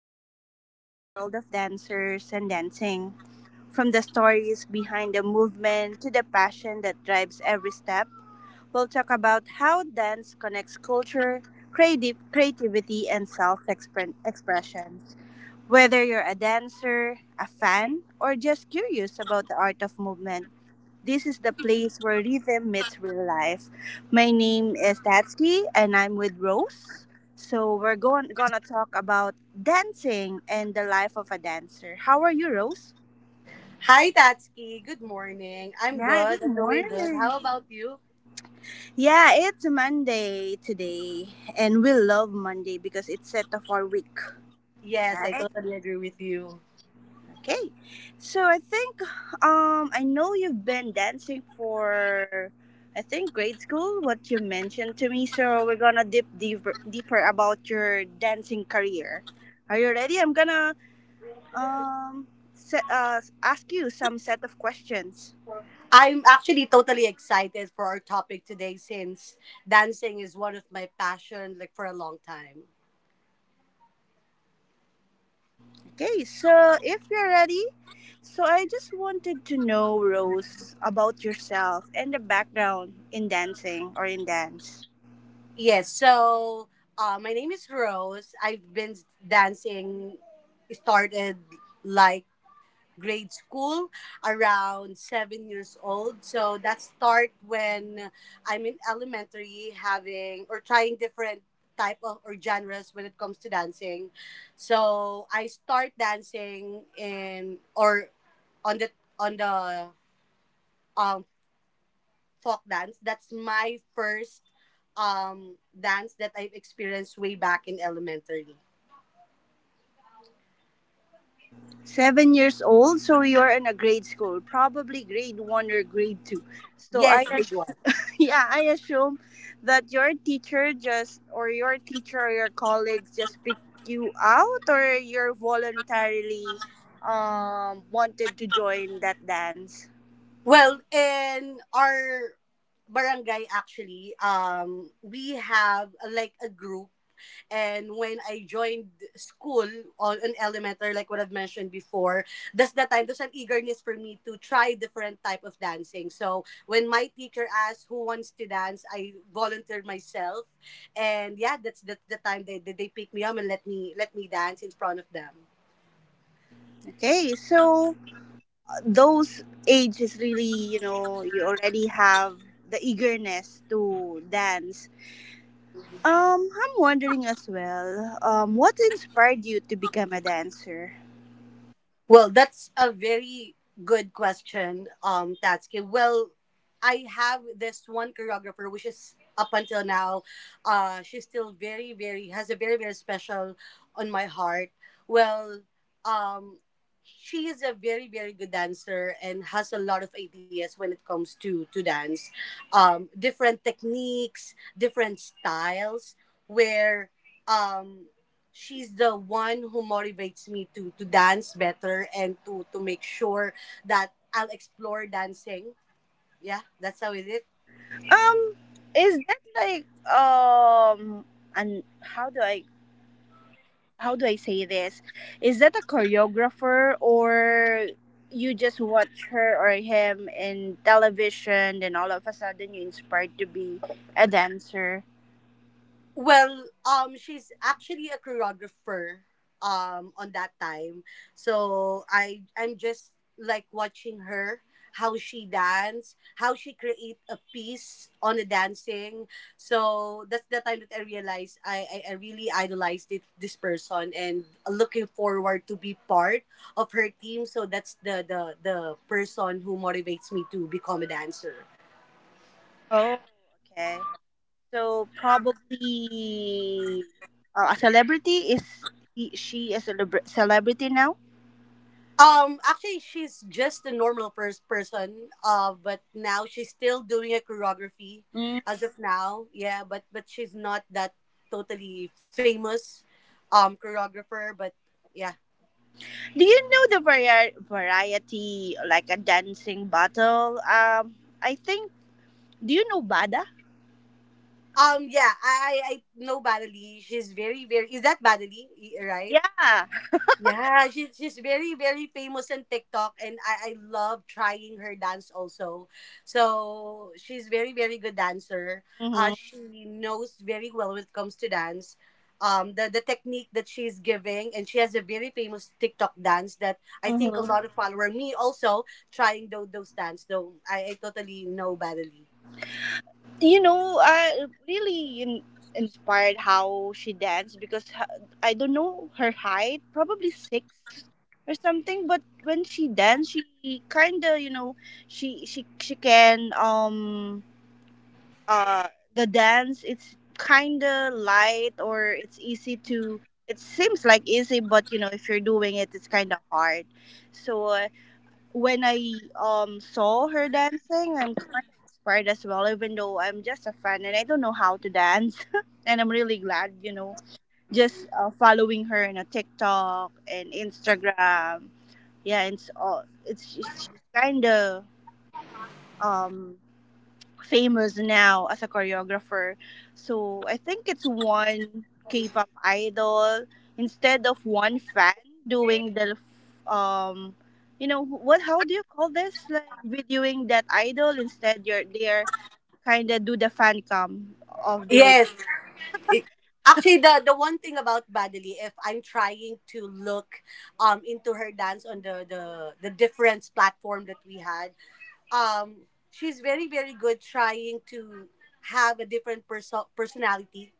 where we explore the world of dancers and dancing. From the stories behind the movement to the passion that drives every step, we'll talk about how dance connects culture, creative creativity, and self expression. Whether you're a dancer, a fan, or just curious about the art of movement, this is the place where rhythm meets real life. My name is Tatsky and I'm with Rose. So we're going gonna talk about dancing and the life of a dancer. How are you, Rose? Hi, Tatsky. Good morning. I'm Yeah, good. good I'm doing good. morning. How about you? Yeah, it's Monday today and we love Monday because it's set of our week, Yes, I right? totally agree with you. Okay. So I think I know you've been dancing for, I think, grade school, what you mentioned to me, so we're going to dip deeper about your dancing career. Are you ready? I'm going to um set, ask you some set of questions. I'm actually totally excited for our topic today since dancing is one of my passion like for a long time. Okay. So if you're ready, so I just wanted to know, Rose, about yourself and the background in dancing or in dance. Yes, so my name is Rose. I've been dancing started like grade school around 7 years old. So that start when I'm in elementary having or trying different type of or genres when it comes to dancing. So I start dancing in or on the on the um folk dance. That's my first dance that I've experienced way back in elementary. 7 years old, so you're in a grade school, probably grade one or grade two. So Yes, big one. yeah, I assume that your teacher just, or your teacher or your colleagues just picked you out, or you're voluntarily wanted to join that dance. Well, in our barangay actually, we have like a group and when I joined school on an elementary, like what I've mentioned before, that's the time there's an eagerness for me to try different type of dancing. So when my teacher asked who wants to dance, I volunteered myself and yeah, that's the time they picked me up and let me dance in front of them. Okay, so those ages, really, you know, you already have the eagerness to dance. I'm wondering as well. What inspired you to become a dancer? Well, that's a very good question, Tatsuki. Well, I have this one choreographer, which is up until now, she's still very, very has a very, very special on my heart. Well, um, she is a very, very good dancer and has a lot of ideas when it comes to dance, different techniques, different styles, where um she's the one who motivates me to dance better and to make sure that I'll explore dancing. Yeah, that's how it is. Um, is that like, um, and how do I, how do I say this? Is that a choreographer, or you just watch her or him in television, then all of a sudden you inspired to be a dancer? Well, she's actually a choreographer, on that time. So I'm just like watching her, how she dance, how she create a piece on the dancing. So that's the time that I realized I really idolized it, this person and looking forward to be part of her team. So that's the person who motivates me to become a dancer. Oh, okay. So probably a celebrity. Is he, she a celebrity now? Actually, she's just a normal person. But now she's still doing a choreography, as of now. Yeah, but she's not that totally famous, choreographer. But yeah, Do you know the variety like a dancing battle? I think. Do you know Bada? Yeah, I know Badali. She's very very. Is that Badali? Right? Yeah. Yeah, she's very very famous on TikTok, and I love trying her dance also. So she's very very good dancer. Mm-hmm. She knows very well when it comes to dance. The technique that she's giving, and she has a very famous TikTok dance that I think a Mm-hmm. lot of follower me also trying those dance. Though I totally know badly. You know, I really inspired how she danced, because I don't know her height, probably six or something. But when she danced, she kind of, you know, she can uh the dance, it's kind of light, or it's easy to, it seems like easy, but you know, if you're doing it, it's kind of hard. So when I saw her dancing, I'm kind of inspired as well, even though I'm just a fan and I don't know how to dance and I'm really glad, you know, just following her in a TikTok and Instagram. Yeah, and it's kind of um famous now as a choreographer. So I think it's one K-pop idol instead of one fan doing the, um you know, what, how do you call this, like videoing that idol, instead you're, they're kind of do the fan cam of the. Yes, actually, the one thing about Badali, if I'm trying to look into her dance on the different platform that we had, she's very very good trying to have a different personality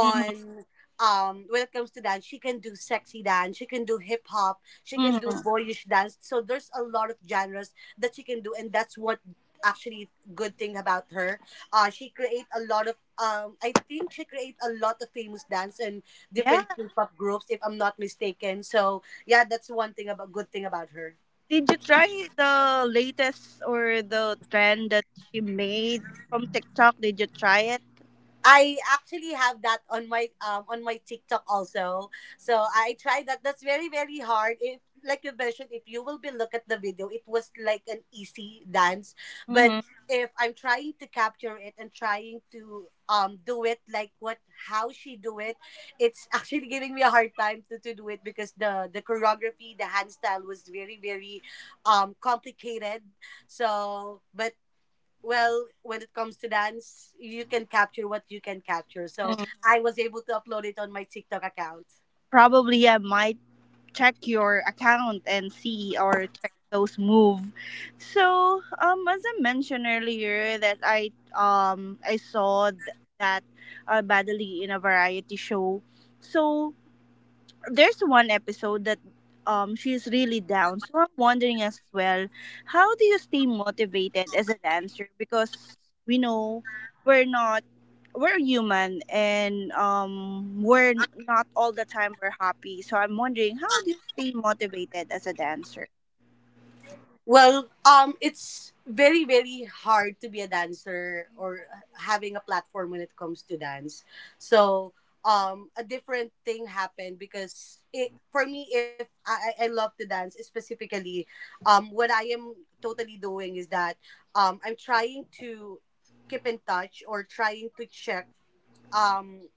Mhm, when it comes to dance, she can do sexy dance, she can do hip hop, she can do mhm. boyish dance. So there's a lot of genres that she can do, and that's what actually good thing about her. She create a lot of um, I think she create a lot of famous dance and Yeah, different k-pop groups if I'm not mistaken. So yeah, that's one thing about good thing about her. did you try the latest or the trend that she made from TikTok? Did you try it? I actually have that on my TikTok also. So I tried that. That's very very hard. If like you mentioned, if you will be look at the video, it was like an easy dance. But Mm-hmm. if I'm trying to capture it and trying to do it like what how she do it, it's actually giving me a hard time to do it because the choreography, the hand style was very very complicated. So, but well, when it comes to dance you can capture what you can capture. So I was able to upload it on my TikTok account. Probably I might check your account and see or check those move. So as I mentioned earlier, that I saw that Badali in a variety show. So there's one episode that she's really down. So I'm wondering as well, how do you stay motivated as a dancer? Because we know we're not, we're human, and we're not all the time we're happy. So I'm wondering, how do you stay motivated as a dancer? Well, it's very very hard to be a dancer or having a platform when it comes to dance. So a different thing happened because it for me, if I I love to dance specifically what I am totally doing is that I'm trying to keep in touch or trying to check um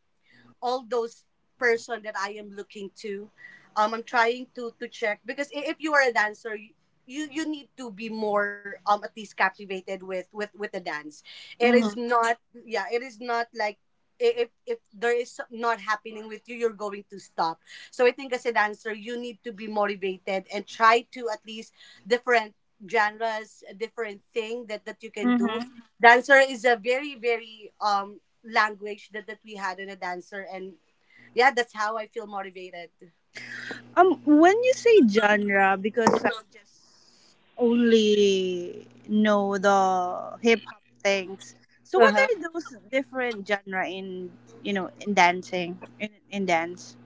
all those person that I am looking to. I'm trying to check because if you are a dancer, you you need to be more at least captivated with the dance. It is Mm-hmm. not yeah. It is not like if there is not happening with you, you're going to stop. So I think as a dancer, you need to be motivated and try to at least different genres, different thing that you can do. Mm-hmm. Dancer is a very very language that we had in a dancer, and yeah, that's how I feel motivated. When you say genre, because I just only know the hip hop things, so Uh what huh. are those different genre in, you know, in dancing, in dance?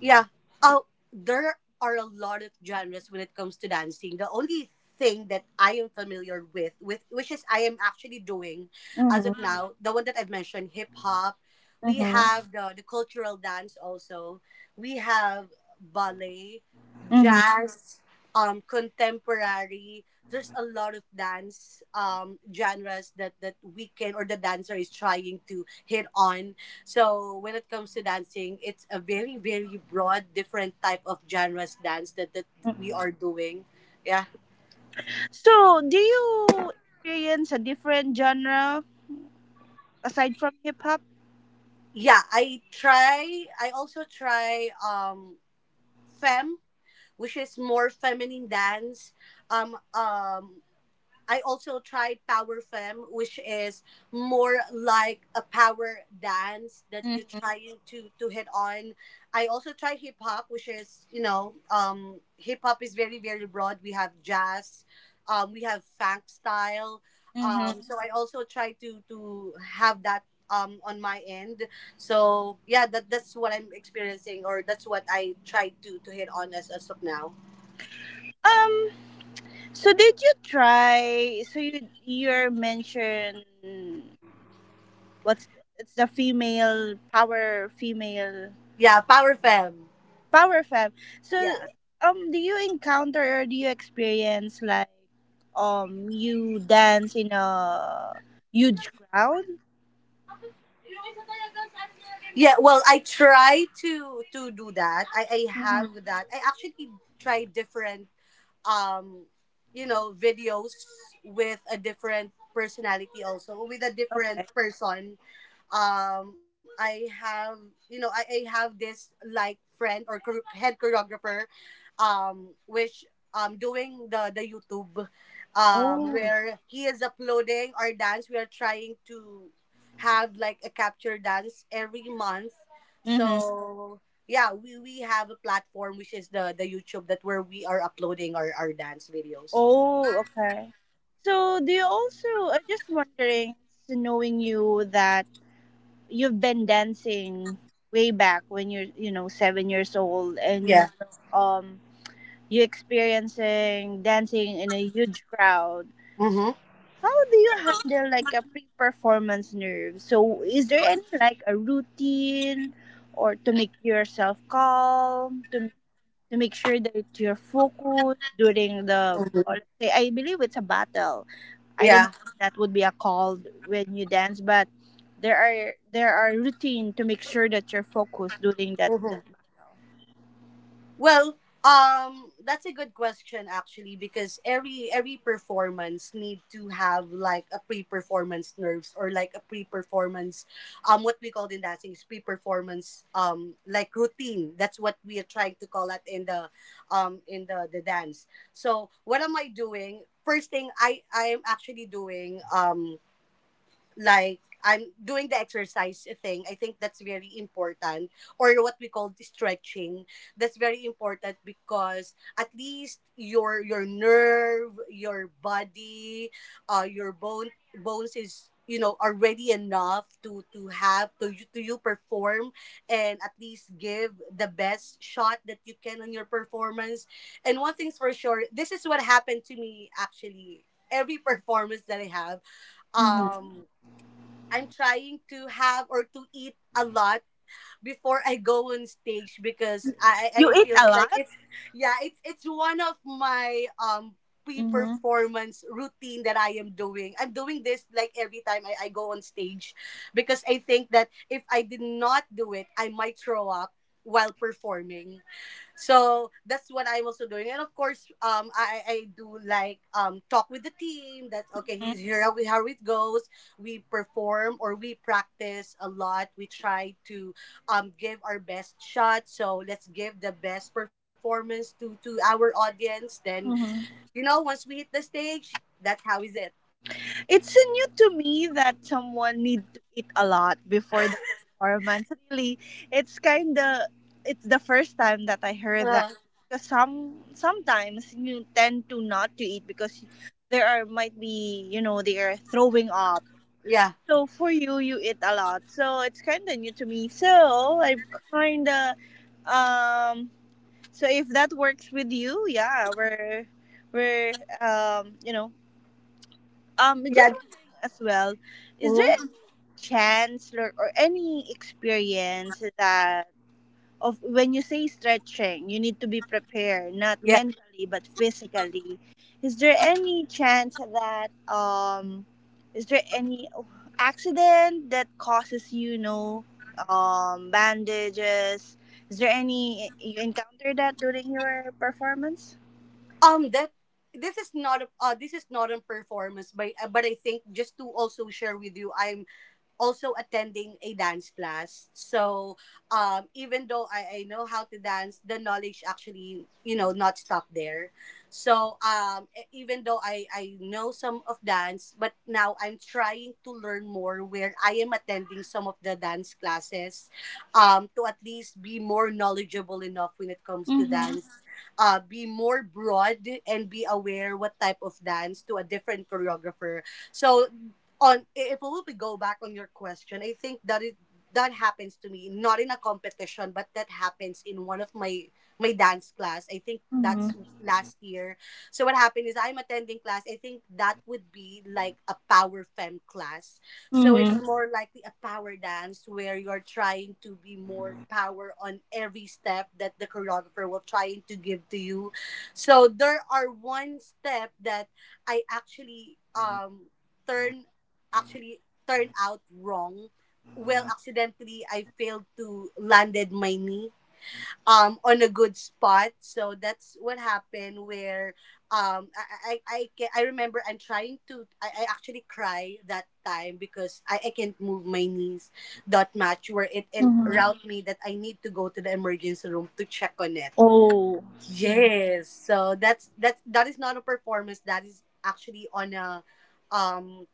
Yeah. Oh, there are a lot of genres when it comes to dancing. The only thing that I am familiar with, which is I am actually doing as of Mm. Mm-hmm. now, the one that I've mentioned, hip hop. We Mm-hmm. have the cultural dance also. We have ballet, Mm-hmm. jazz, contemporary. There's a lot of dance genres that, that we can or the dancer is trying to hit on. So when it comes to dancing, it's a very very broad different type of genres dance that we are doing. Yeah. So do you experience a different genre aside from hip hop? Yeah, I try I also try fem, which is more feminine dance. Um um I also tried power femme, which is more like a power dance that you're Mm-hmm, trying to hit on. I also tried hip hop, which is you know hip hop is very very broad. We have jazz, we have funk style. Mm-hmm. So I also try to have that on my end. So yeah, that that's what I'm experiencing, or that's what I try to hit on as of now. Um. So did you try? So you mentioned, what's, it's the female, power female, Yeah, power femme. power fam. So Yeah. Do you encounter or do you experience like, you dance in a huge crowd? Yeah, well, I try to do that. I Mm-hmm. have that. I actually try different um you know videos with a different personality also with a different Okay. person. I have you know I have this like friend or head choreographer which doing the YouTube Oh. where he is uploading our dance. We are trying to have like a capture dance every month. Mm-hmm. So yeah, we have a platform which is the YouTube that where we are uploading our dance videos. Oh. Okay. So do you also? I'm just wondering, so knowing you that you've been dancing way back when you're, you know, 7 years old, and you Yeah. know, you experiencing dancing in a huge crowd, so Mm-hmm. how do you handle like a pre-performance nerve? So is there any like a routine or to make yourself calm, to make sure that you're focused during the, Mm-hmm. or let's say, I believe it's a battle. I don't Yeah. know if that would be a call when you dance, but there are, there are routine to make sure that you're focused during that Mhm. that battle. Well, that's a good question actually because every performance need to have like a pre-performance nerves or like a pre-performance, what we call in dancing is pre-performance like routine. That's what we are trying to call it in the, in the dance. So what am I doing? First thing I am actually doing like I'm doing the exercise thing. I think that's very important, or what we call the stretching. That's very important because at least your nerve, your body, your bones is you know already enough to have to you perform and at least give the best shot that you can on your performance. And one thing's for sure, this is what happened to me actually every performance that I have Hmm. um I'm trying to have or to eat a lot before I go on stage because I You eat feels a like lot. it's yeah, it's one of my Hmm. pre-performance routine that I am doing. I'm doing this like every time I go on stage because I think that if I did not do it, I might throw up while performing. So that's what I'm also doing. And of course, I do like talk with the team. That's okay. He's here. How, we, how it goes. We perform or we practice a lot. We try to give our best shot. So let's give the best performance to our audience. Then Hmm. you know, once we hit the stage, that's how is it. It's new to me that someone need to eat a lot before the performance. Really, it's kind of, it's the first time that I heard that, Uh, because some, sometimes you tend to not to eat because there are might be, you know, they are throwing up. yeah. So for you, you eat a lot. So it's kind of new to me. So I'm kind of um so if that works with you, yeah, we're you know, just Mm-hmm. wondering as well, Yeah. is there any Mhm. chance or any experience that of, when you say stretching, you need to be prepared, not mentally but physically. Is there any chance that, is there any accident that causes you, you know, bandages? Is there any you encounter that during your performance? That this is not a this is not a performance, but I think just to also share with you, I'm also attending a dance class. So even though I know how to dance, the knowledge actually you know not stop there. So even though I know some of dance, but now I'm trying to learn more where I am attending some of the dance classes to at least be more knowledgeable enough when it comes to Mm-hmm. dance, be more broad and be aware what type of dance to a different choreographer. So on if we go back on your question, I think that happens to me not in a competition but that happens in one of my dance class. I think Mm-hmm. that's last year. So what happened is I'm attending class. I think that would be like a power fem class, so it's Mm-hmm. more likely a power dance where you're trying to be more power on every step that the choreographer will trying to give to you. So there are one step that I actually turn actually turn out wrong. Well, accidentally I failed to landed my knee on a good spot, so that's what happened where um I remember I'm trying to I actually cry that time because I can't move my knees that much where it Mm-hmm. route me that I need to go to the emergency room to check on it. Oh, so Yes, so that is not a performance, that is actually on a um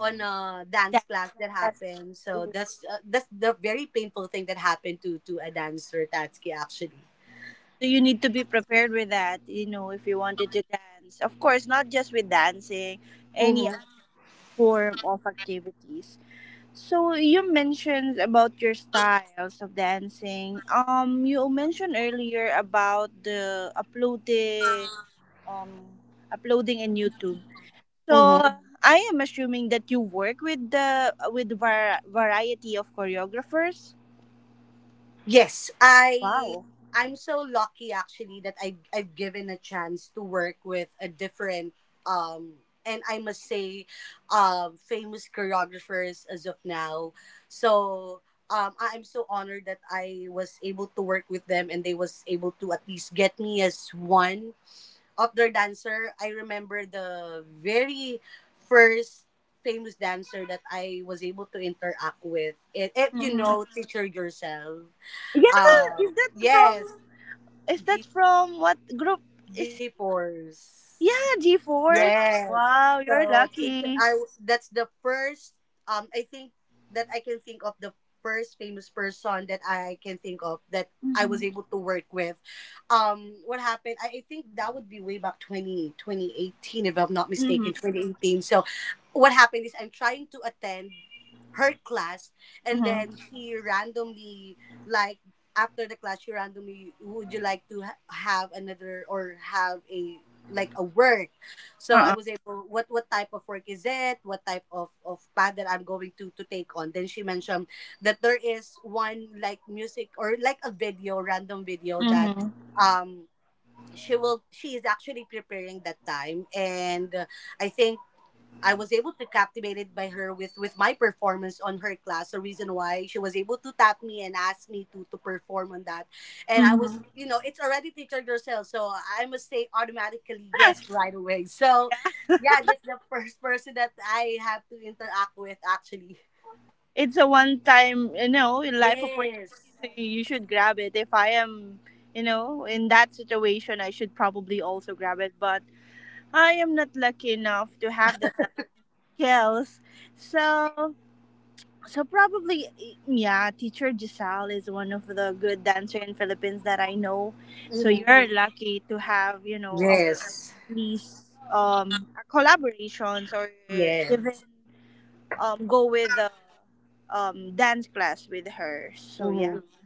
that dance class that class. happened. So that's the very painful thing that happened to a dancer, Tatsuki, actually. So you need to be prepared with that, you know, if you wanted to dance. Of course, not just with dancing, any other form of activities. So you mentioned about your styles of dancing. You mentioned earlier about the uploading, um, uploading in YouTube. So I am assuming that you work with the with variety of choreographers. Yes, Wow. I'm so lucky actually that I've given a chance to work with a different um and I must say famous choreographers as of now. So I'm so honored that I was able to work with them, and they was able to at least get me as one of their dancer. I remember the very first famous dancer that I was able to interact with. And if you Mm-hmm. know, teacher yourself. Yeah, is that Yes, from? Is that G from what group? G Is, force. yeah, G fourth. Yes. Wow, you're So picture lucky. That's the first I think that I can think of, the first famous person that I can think of that I was Mhm. able to work with. What happened? I think that would be way back 20 twenty eighteen, if I'm not mistaken, Mhm. 2018. So what happened is I'm trying to attend her class, and Mhm. then she randomly, like, after the class she randomly would you like to have another or have a like a work. So I Uh-uh. was able, what type of work is it? What type of path that I'm going to take on? Then she mentioned that there is one like music or like a video, random video, that Mhm. um she is actually preparing that time. And I think I was able to captivated by her with my performance on her class, the reason why she was able to tap me and ask me to perform on that. And I was, Mhm. It's already teacher yourself, so I must say automatically yes right away. So, Yeah, yeah, that's the first person that I have to interact with actually. it's a one-time, you know, life opportunity, Yes. so you should grab it. If I am, you know, in that situation, I should probably also grab it. But I am not lucky enough to have that lucky skills, so, so probably, yeah, teacher Giselle is one of the good dancer in Philippines that I know. So Mm-hmm. you're lucky to have, you know, a one, Yes. at least a collaborations or even Yes. Go with the dance class with her. So yeah. Mm-hmm.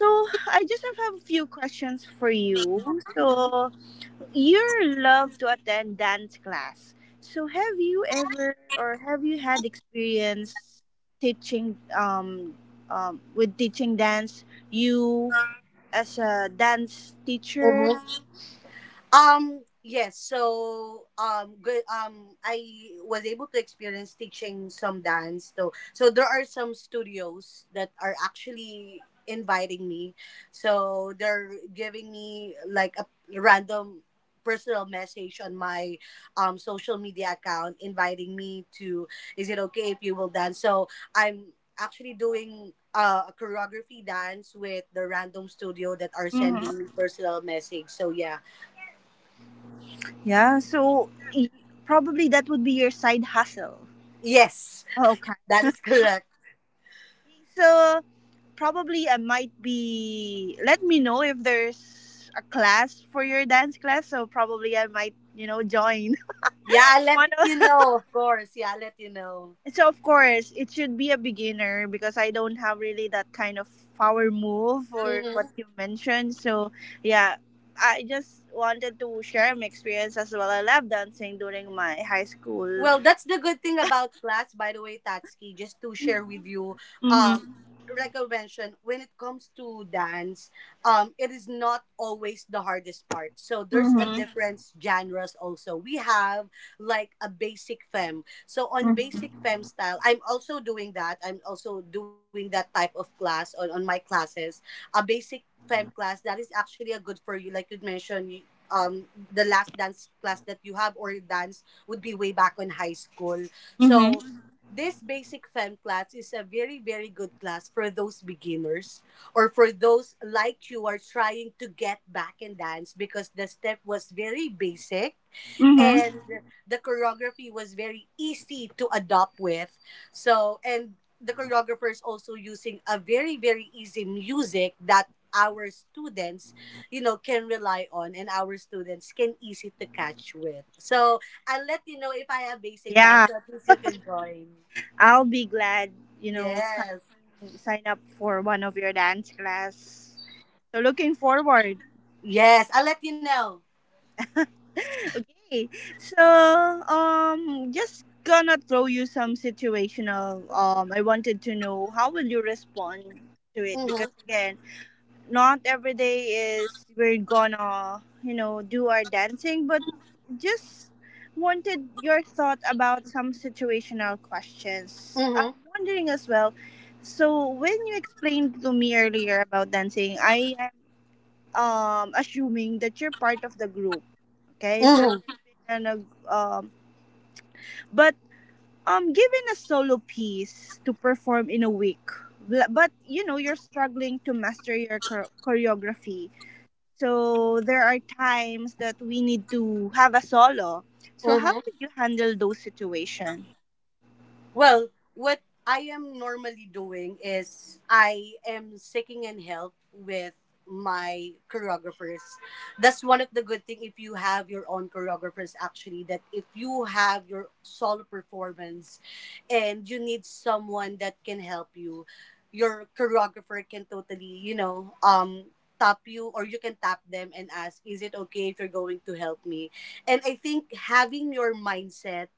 So I just have a few questions for you. So you love to attend dance class. So have you ever, or have you had experience teaching with teaching dance, you, as a dance teacher? Mm-hmm. Yes, so good, I was able to experience teaching some dance though. So there are some studios that are actually inviting me. So they're giving me like a random personal message on my social media account, inviting me to, is it okay if you will dance. So I'm actually doing a choreography dance with the random studio that are sending me Hmm. personal message. So yeah. Yeah, so probably that would be your side hustle. Yes, Okay. that is correct. So probably I might be, let me know if there's a class for your dance class, so probably I might, you know, join. Yeah, I'll let One. you know, of course. Yeah, I'll let you know. So of course, it should be a beginner, because I don't have really that kind of power move or Hmm. what you mentioned. So yeah, I just wanted to share my experience as well. I love dancing during my high school. Well, that's the good thing about class, by the way, Tatsuki, just to share with you. Um, Mm-hmm. like I mentioned, when it comes to dance, it is not always the hardest part. So there's a Mm-hmm. difference genres also. We have like a basic femme. So on basic Mm-hmm. femme style, I'm also doing that. I'm also doing that type of class on my classes. A basic femme class that is actually a good for you, like you mentioned, you, um, the last dance class that you have or dance would be way back in high school. Mm-hmm. So this basic fem class is a very very good class for those beginners or for those like you are trying to get back in dance, because the step was very basic Hmm. and the choreography was very easy to adopt with. So, and the choreographer is also using a very, very easy music that our students, can rely on, and our students can easy to catch with. So I'll let you know if I have basic dance, Yeah, so at least you can join. I'll be glad, you know, Yes. sign up for one of your dance class. So looking forward. Yes, I'll let you know. Okay. So, just gonna throw you some situational. I wanted to know how will you respond to it, because Mm-hmm, again, not every day is we're gonna, you know, do our dancing, but just wanted your thought about some situational questions. mm-hmm, I'm wondering as well. So when you explained to me earlier about dancing, I am assuming that you're part of the group. Okay, so you mm-hmm, are been a nag, um, but given a solo piece to perform in a week, but you know, you're struggling to master your choreography. So there are times that we need to have a solo. So how mm-hmm. would you handle those situations? Well, what I am normally doing is I am seeking and help with my choreographers. That's one of the good thing, if you have your own choreographers actually, that if you have your solo performance and you need someone that can help you, your choreographer can totally, tap you, or you can tap them and ask, is it okay if you're going to help me? And I think having your mindset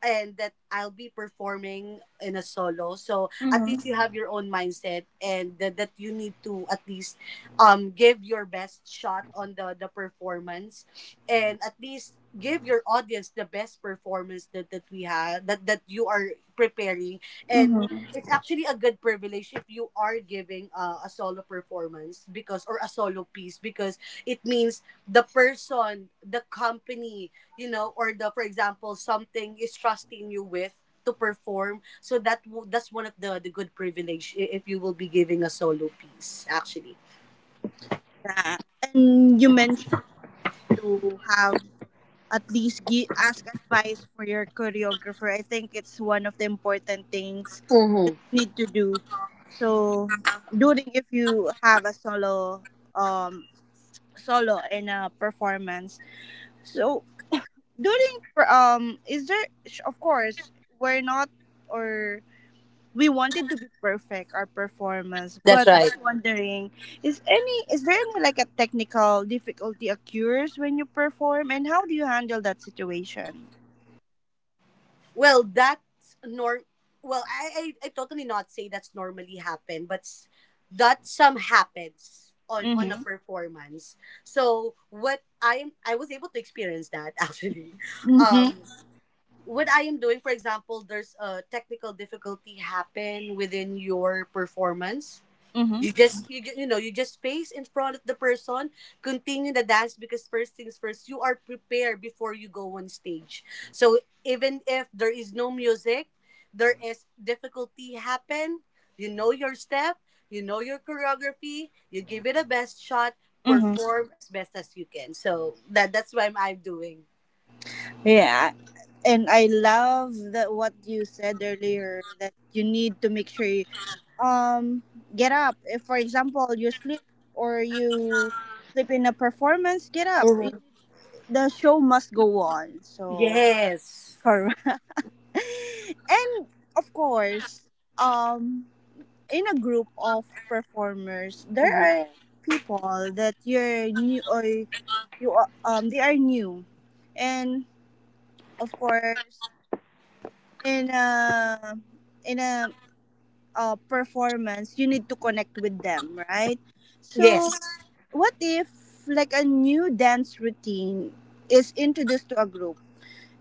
and that I'll be performing in a solo. So at Mm-hmm. least you have your own mindset and that, you need to at least give your best shot on the performance, and at least give your audience the best performance that we have, that you are preparing. And it's actually a good privilege if you are giving a solo performance, because, or a solo piece, because it means the person, the company, or the, for example, something is trusting you with to perform. So that that's one of the good privilege, if you will be giving a solo piece actually. Yeah, and you mentioned you need to have at least ask advice for your choreographer. I think it's one of the important things Mm-hmm. that you need to do. So during, if you have a solo um solo in a performance. So during is there, of course, we're not, or we wanted to be perfect our performance, That's but right. I'm wondering, is any, is there any like a technical difficulty occurs when you perform, and how do you handle that situation? Well, that's nor well I totally not say that's normally happen, but that some happens on a Mm-hmm. performance. So what I was able to experience that actually. Mm-hmm. um what I am doing, for example, there's a technical difficulty happen within your performance. Mm-hmm. You just you, ju- you know you just face in front of the person, continue the dance, because first things first, you are prepared before you go on stage. So even if there is no music, there is difficulty happen, you know your step, you know your choreography. You give it a best shot, Mm-hmm. perform as best as you can. So that that's what I'm doing. Yeah, and I love that what you said earlier, that you need to make sure you um get up. If for example you sleep, or you sleep in a performance, get up. You- Mhm. The show must go on. So Yes. correct. And of course, um in a group of performers, there are people that you're new, or you are- they are new. And of course, in a, in a performance, you need to connect with them, right? Yes. So what if like a new dance routine is introduced to a group,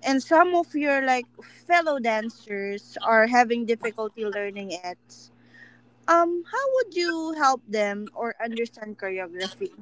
and some of your like fellow dancers are having difficulty learning it, how would you help them or understand choreography?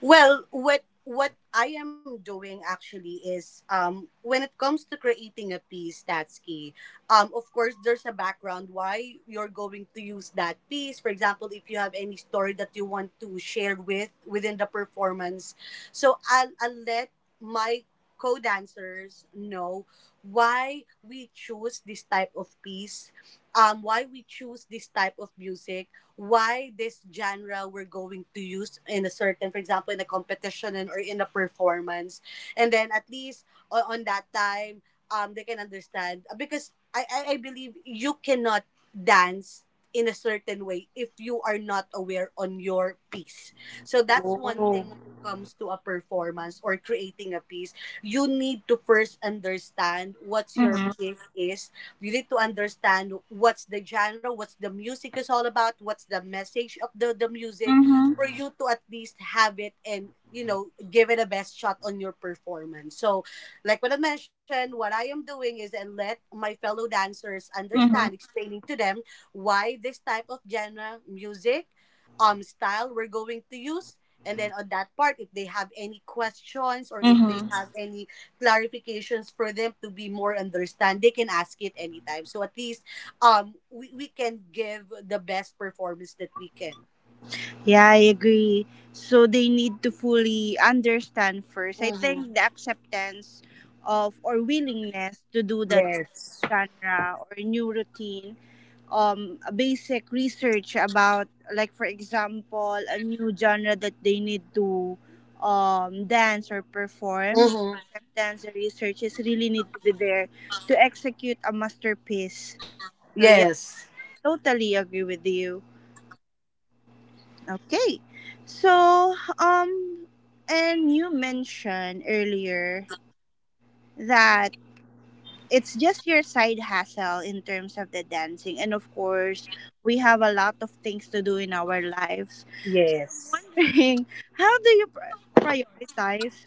Well, what I am doing actually is, when it comes to creating a piece, that's key. Of course there's a background why you're going to use that piece. For example, if you have any story that you want to share with within the performance. So I'll let my co-dancers know why we choose this type of piece, why we choose this type of music, why this genre we're going to use in a certain, for example, in a competition and or in a performance. And then at least on that time, they can understand. Because I believe you cannot dance in a certain way if you are not aware on your piece. So that's one thing when it comes to a performance or creating a piece. You need to first understand what your piece is, you need to understand what's the genre, what's the music is all about, what's the message of the, music, for Mm-hmm. you to at least have it and, you know, give it a best shot on your performance. So like what I mentioned, what I am doing is and let my fellow dancers understand, Mm-hmm. explaining to them why this type of genre music style we're going to use. And then on that part, if they have any questions or if they Mm-hmm. have any clarifications for them to be more understand, they can ask it anytime, so at least we can give the best performance that we can. Yeah, I agree. So they need to fully understand first. I Mm-hmm. think the acceptance of or willingness to do that kind of Yes. genre or new routine, a basic research about, like for example, a new genre that they need to dance or perform. The Mm-hmm. acceptance, the research is really need to be there to execute a masterpiece. So yeah, Yes. I totally agree with you. Okay. So, and you mentioned earlier that it's just your side hustle in terms of the dancing. And of course, we have a lot of things to do in our lives. So I'm Yes. wondering, how do you prioritize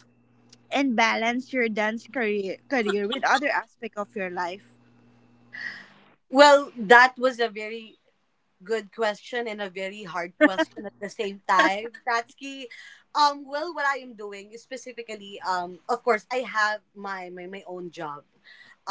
and balance your dance career with other aspect of your life? Well, that was a very good question and a very hard question at the same time, Tatsuki. Well, what I am doing is specifically, of course, I have my my own job.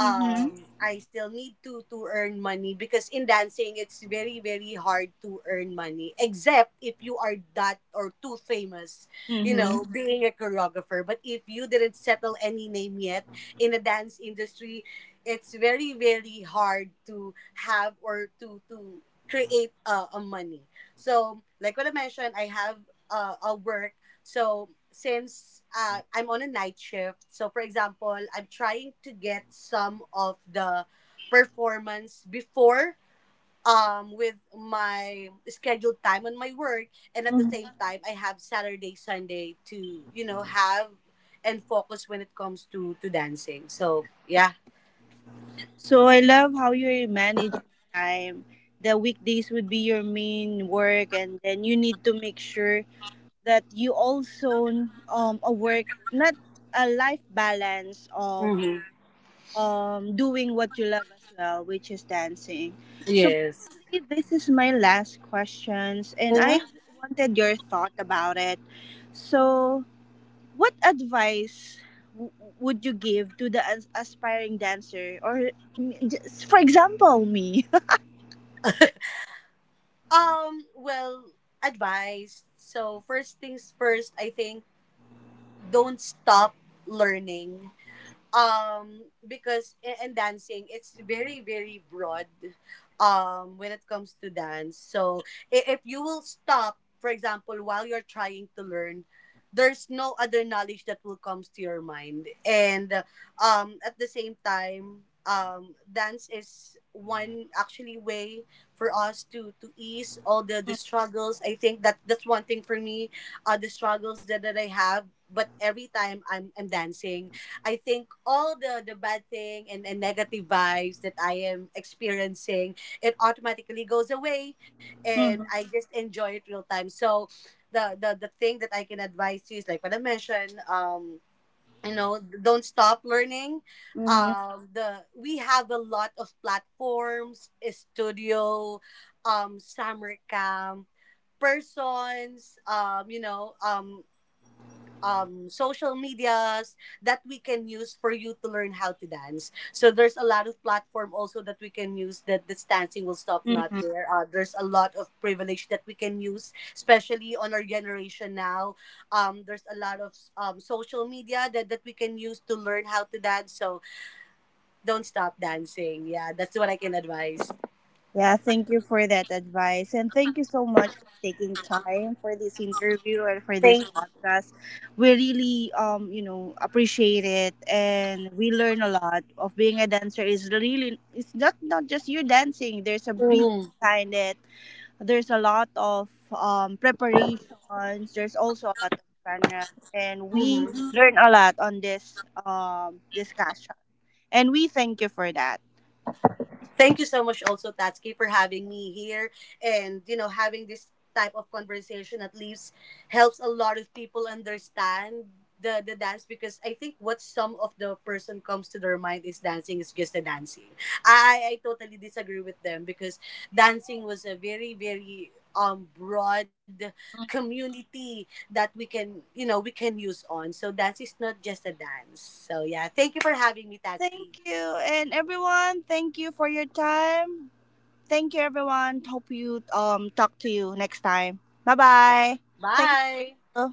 Mm-hmm. I still need to earn money, because in dancing it's very very hard to earn money, except if you are that or too famous, you Mm-hmm. know, being a choreographer. But if you didn't settle any name yet in the dance industry, it's very very hard to have or to create a money. So, like what I mentioned, I have a work. So, since I'm on a night shift, so for example, I'm trying to get some of the performance before with my scheduled time on my work, and at the same time I have Saturday, Sunday to, you know, have and focus when it comes to dancing. So yeah. So I love how you manage your time. The weekdays would be your main work, and then you need to make sure that you also a work, not a life balance of Hmm. Doing what you love as well, which is dancing. So Yes. probably this is my last questions, and I wanted your thought about it. So what advice w- would you give to the aspiring dancer or just, for example, me? Well, advice. So, first things first, I think don't stop learning, because in dancing it's very very broad when it comes to dance. So if you will stop, for example, while you're trying to learn, there's no other knowledge that will comes to your mind. And at the same time, dance is one actually way for us to ease all the struggles. I think that's one thing for me, the struggles that I have. But every time I'm dancing, I think all the bad thing, and negative vibes that I am experiencing, it automatically goes away, and Mm-hmm. I just enjoy it real time. So the the thing that I can advise you is like what I mentioned, don't stop learning. Mm-hmm. The We have a lot of platforms, studio, summer camp, persons, social medias that we can use for you to learn how to dance. So there's a lot of platform also that we can use, that this dancing will stop not Mm-hmm. there. There's a lot of privilege that we can use, especially on our generation now. There's a lot of social media that we can use to learn how to dance. So don't stop dancing. Yeah, that's what I can advise. Yeah, thank you for that advice. And thank you so much for taking time for this interview and for this Thank. podcast. We really you know, appreciate it, and we learn a lot of being a dancer is really it's not just you dancing. There's a reason Hmm. behind it. There's a lot of preparations. There's also a lot of genre, and we learn a lot on this discussion. And we thank you for that. Thank you so much also, Tatsuki, for having me here, and, you know, having this type of conversation at least helps a lot of people understand the dance. Because I think what some of the person comes to their mind is dancing is just a dancing. I totally disagree with them, because dancing was a very very broad community that we can use on. So dance is not just a dance. So yeah, thank you for having me, Tatsuki. Thank you, and everyone, thank you for your time. Thank you, everyone. Hope you talk to you next time. Bye bye. Thank Bye. you.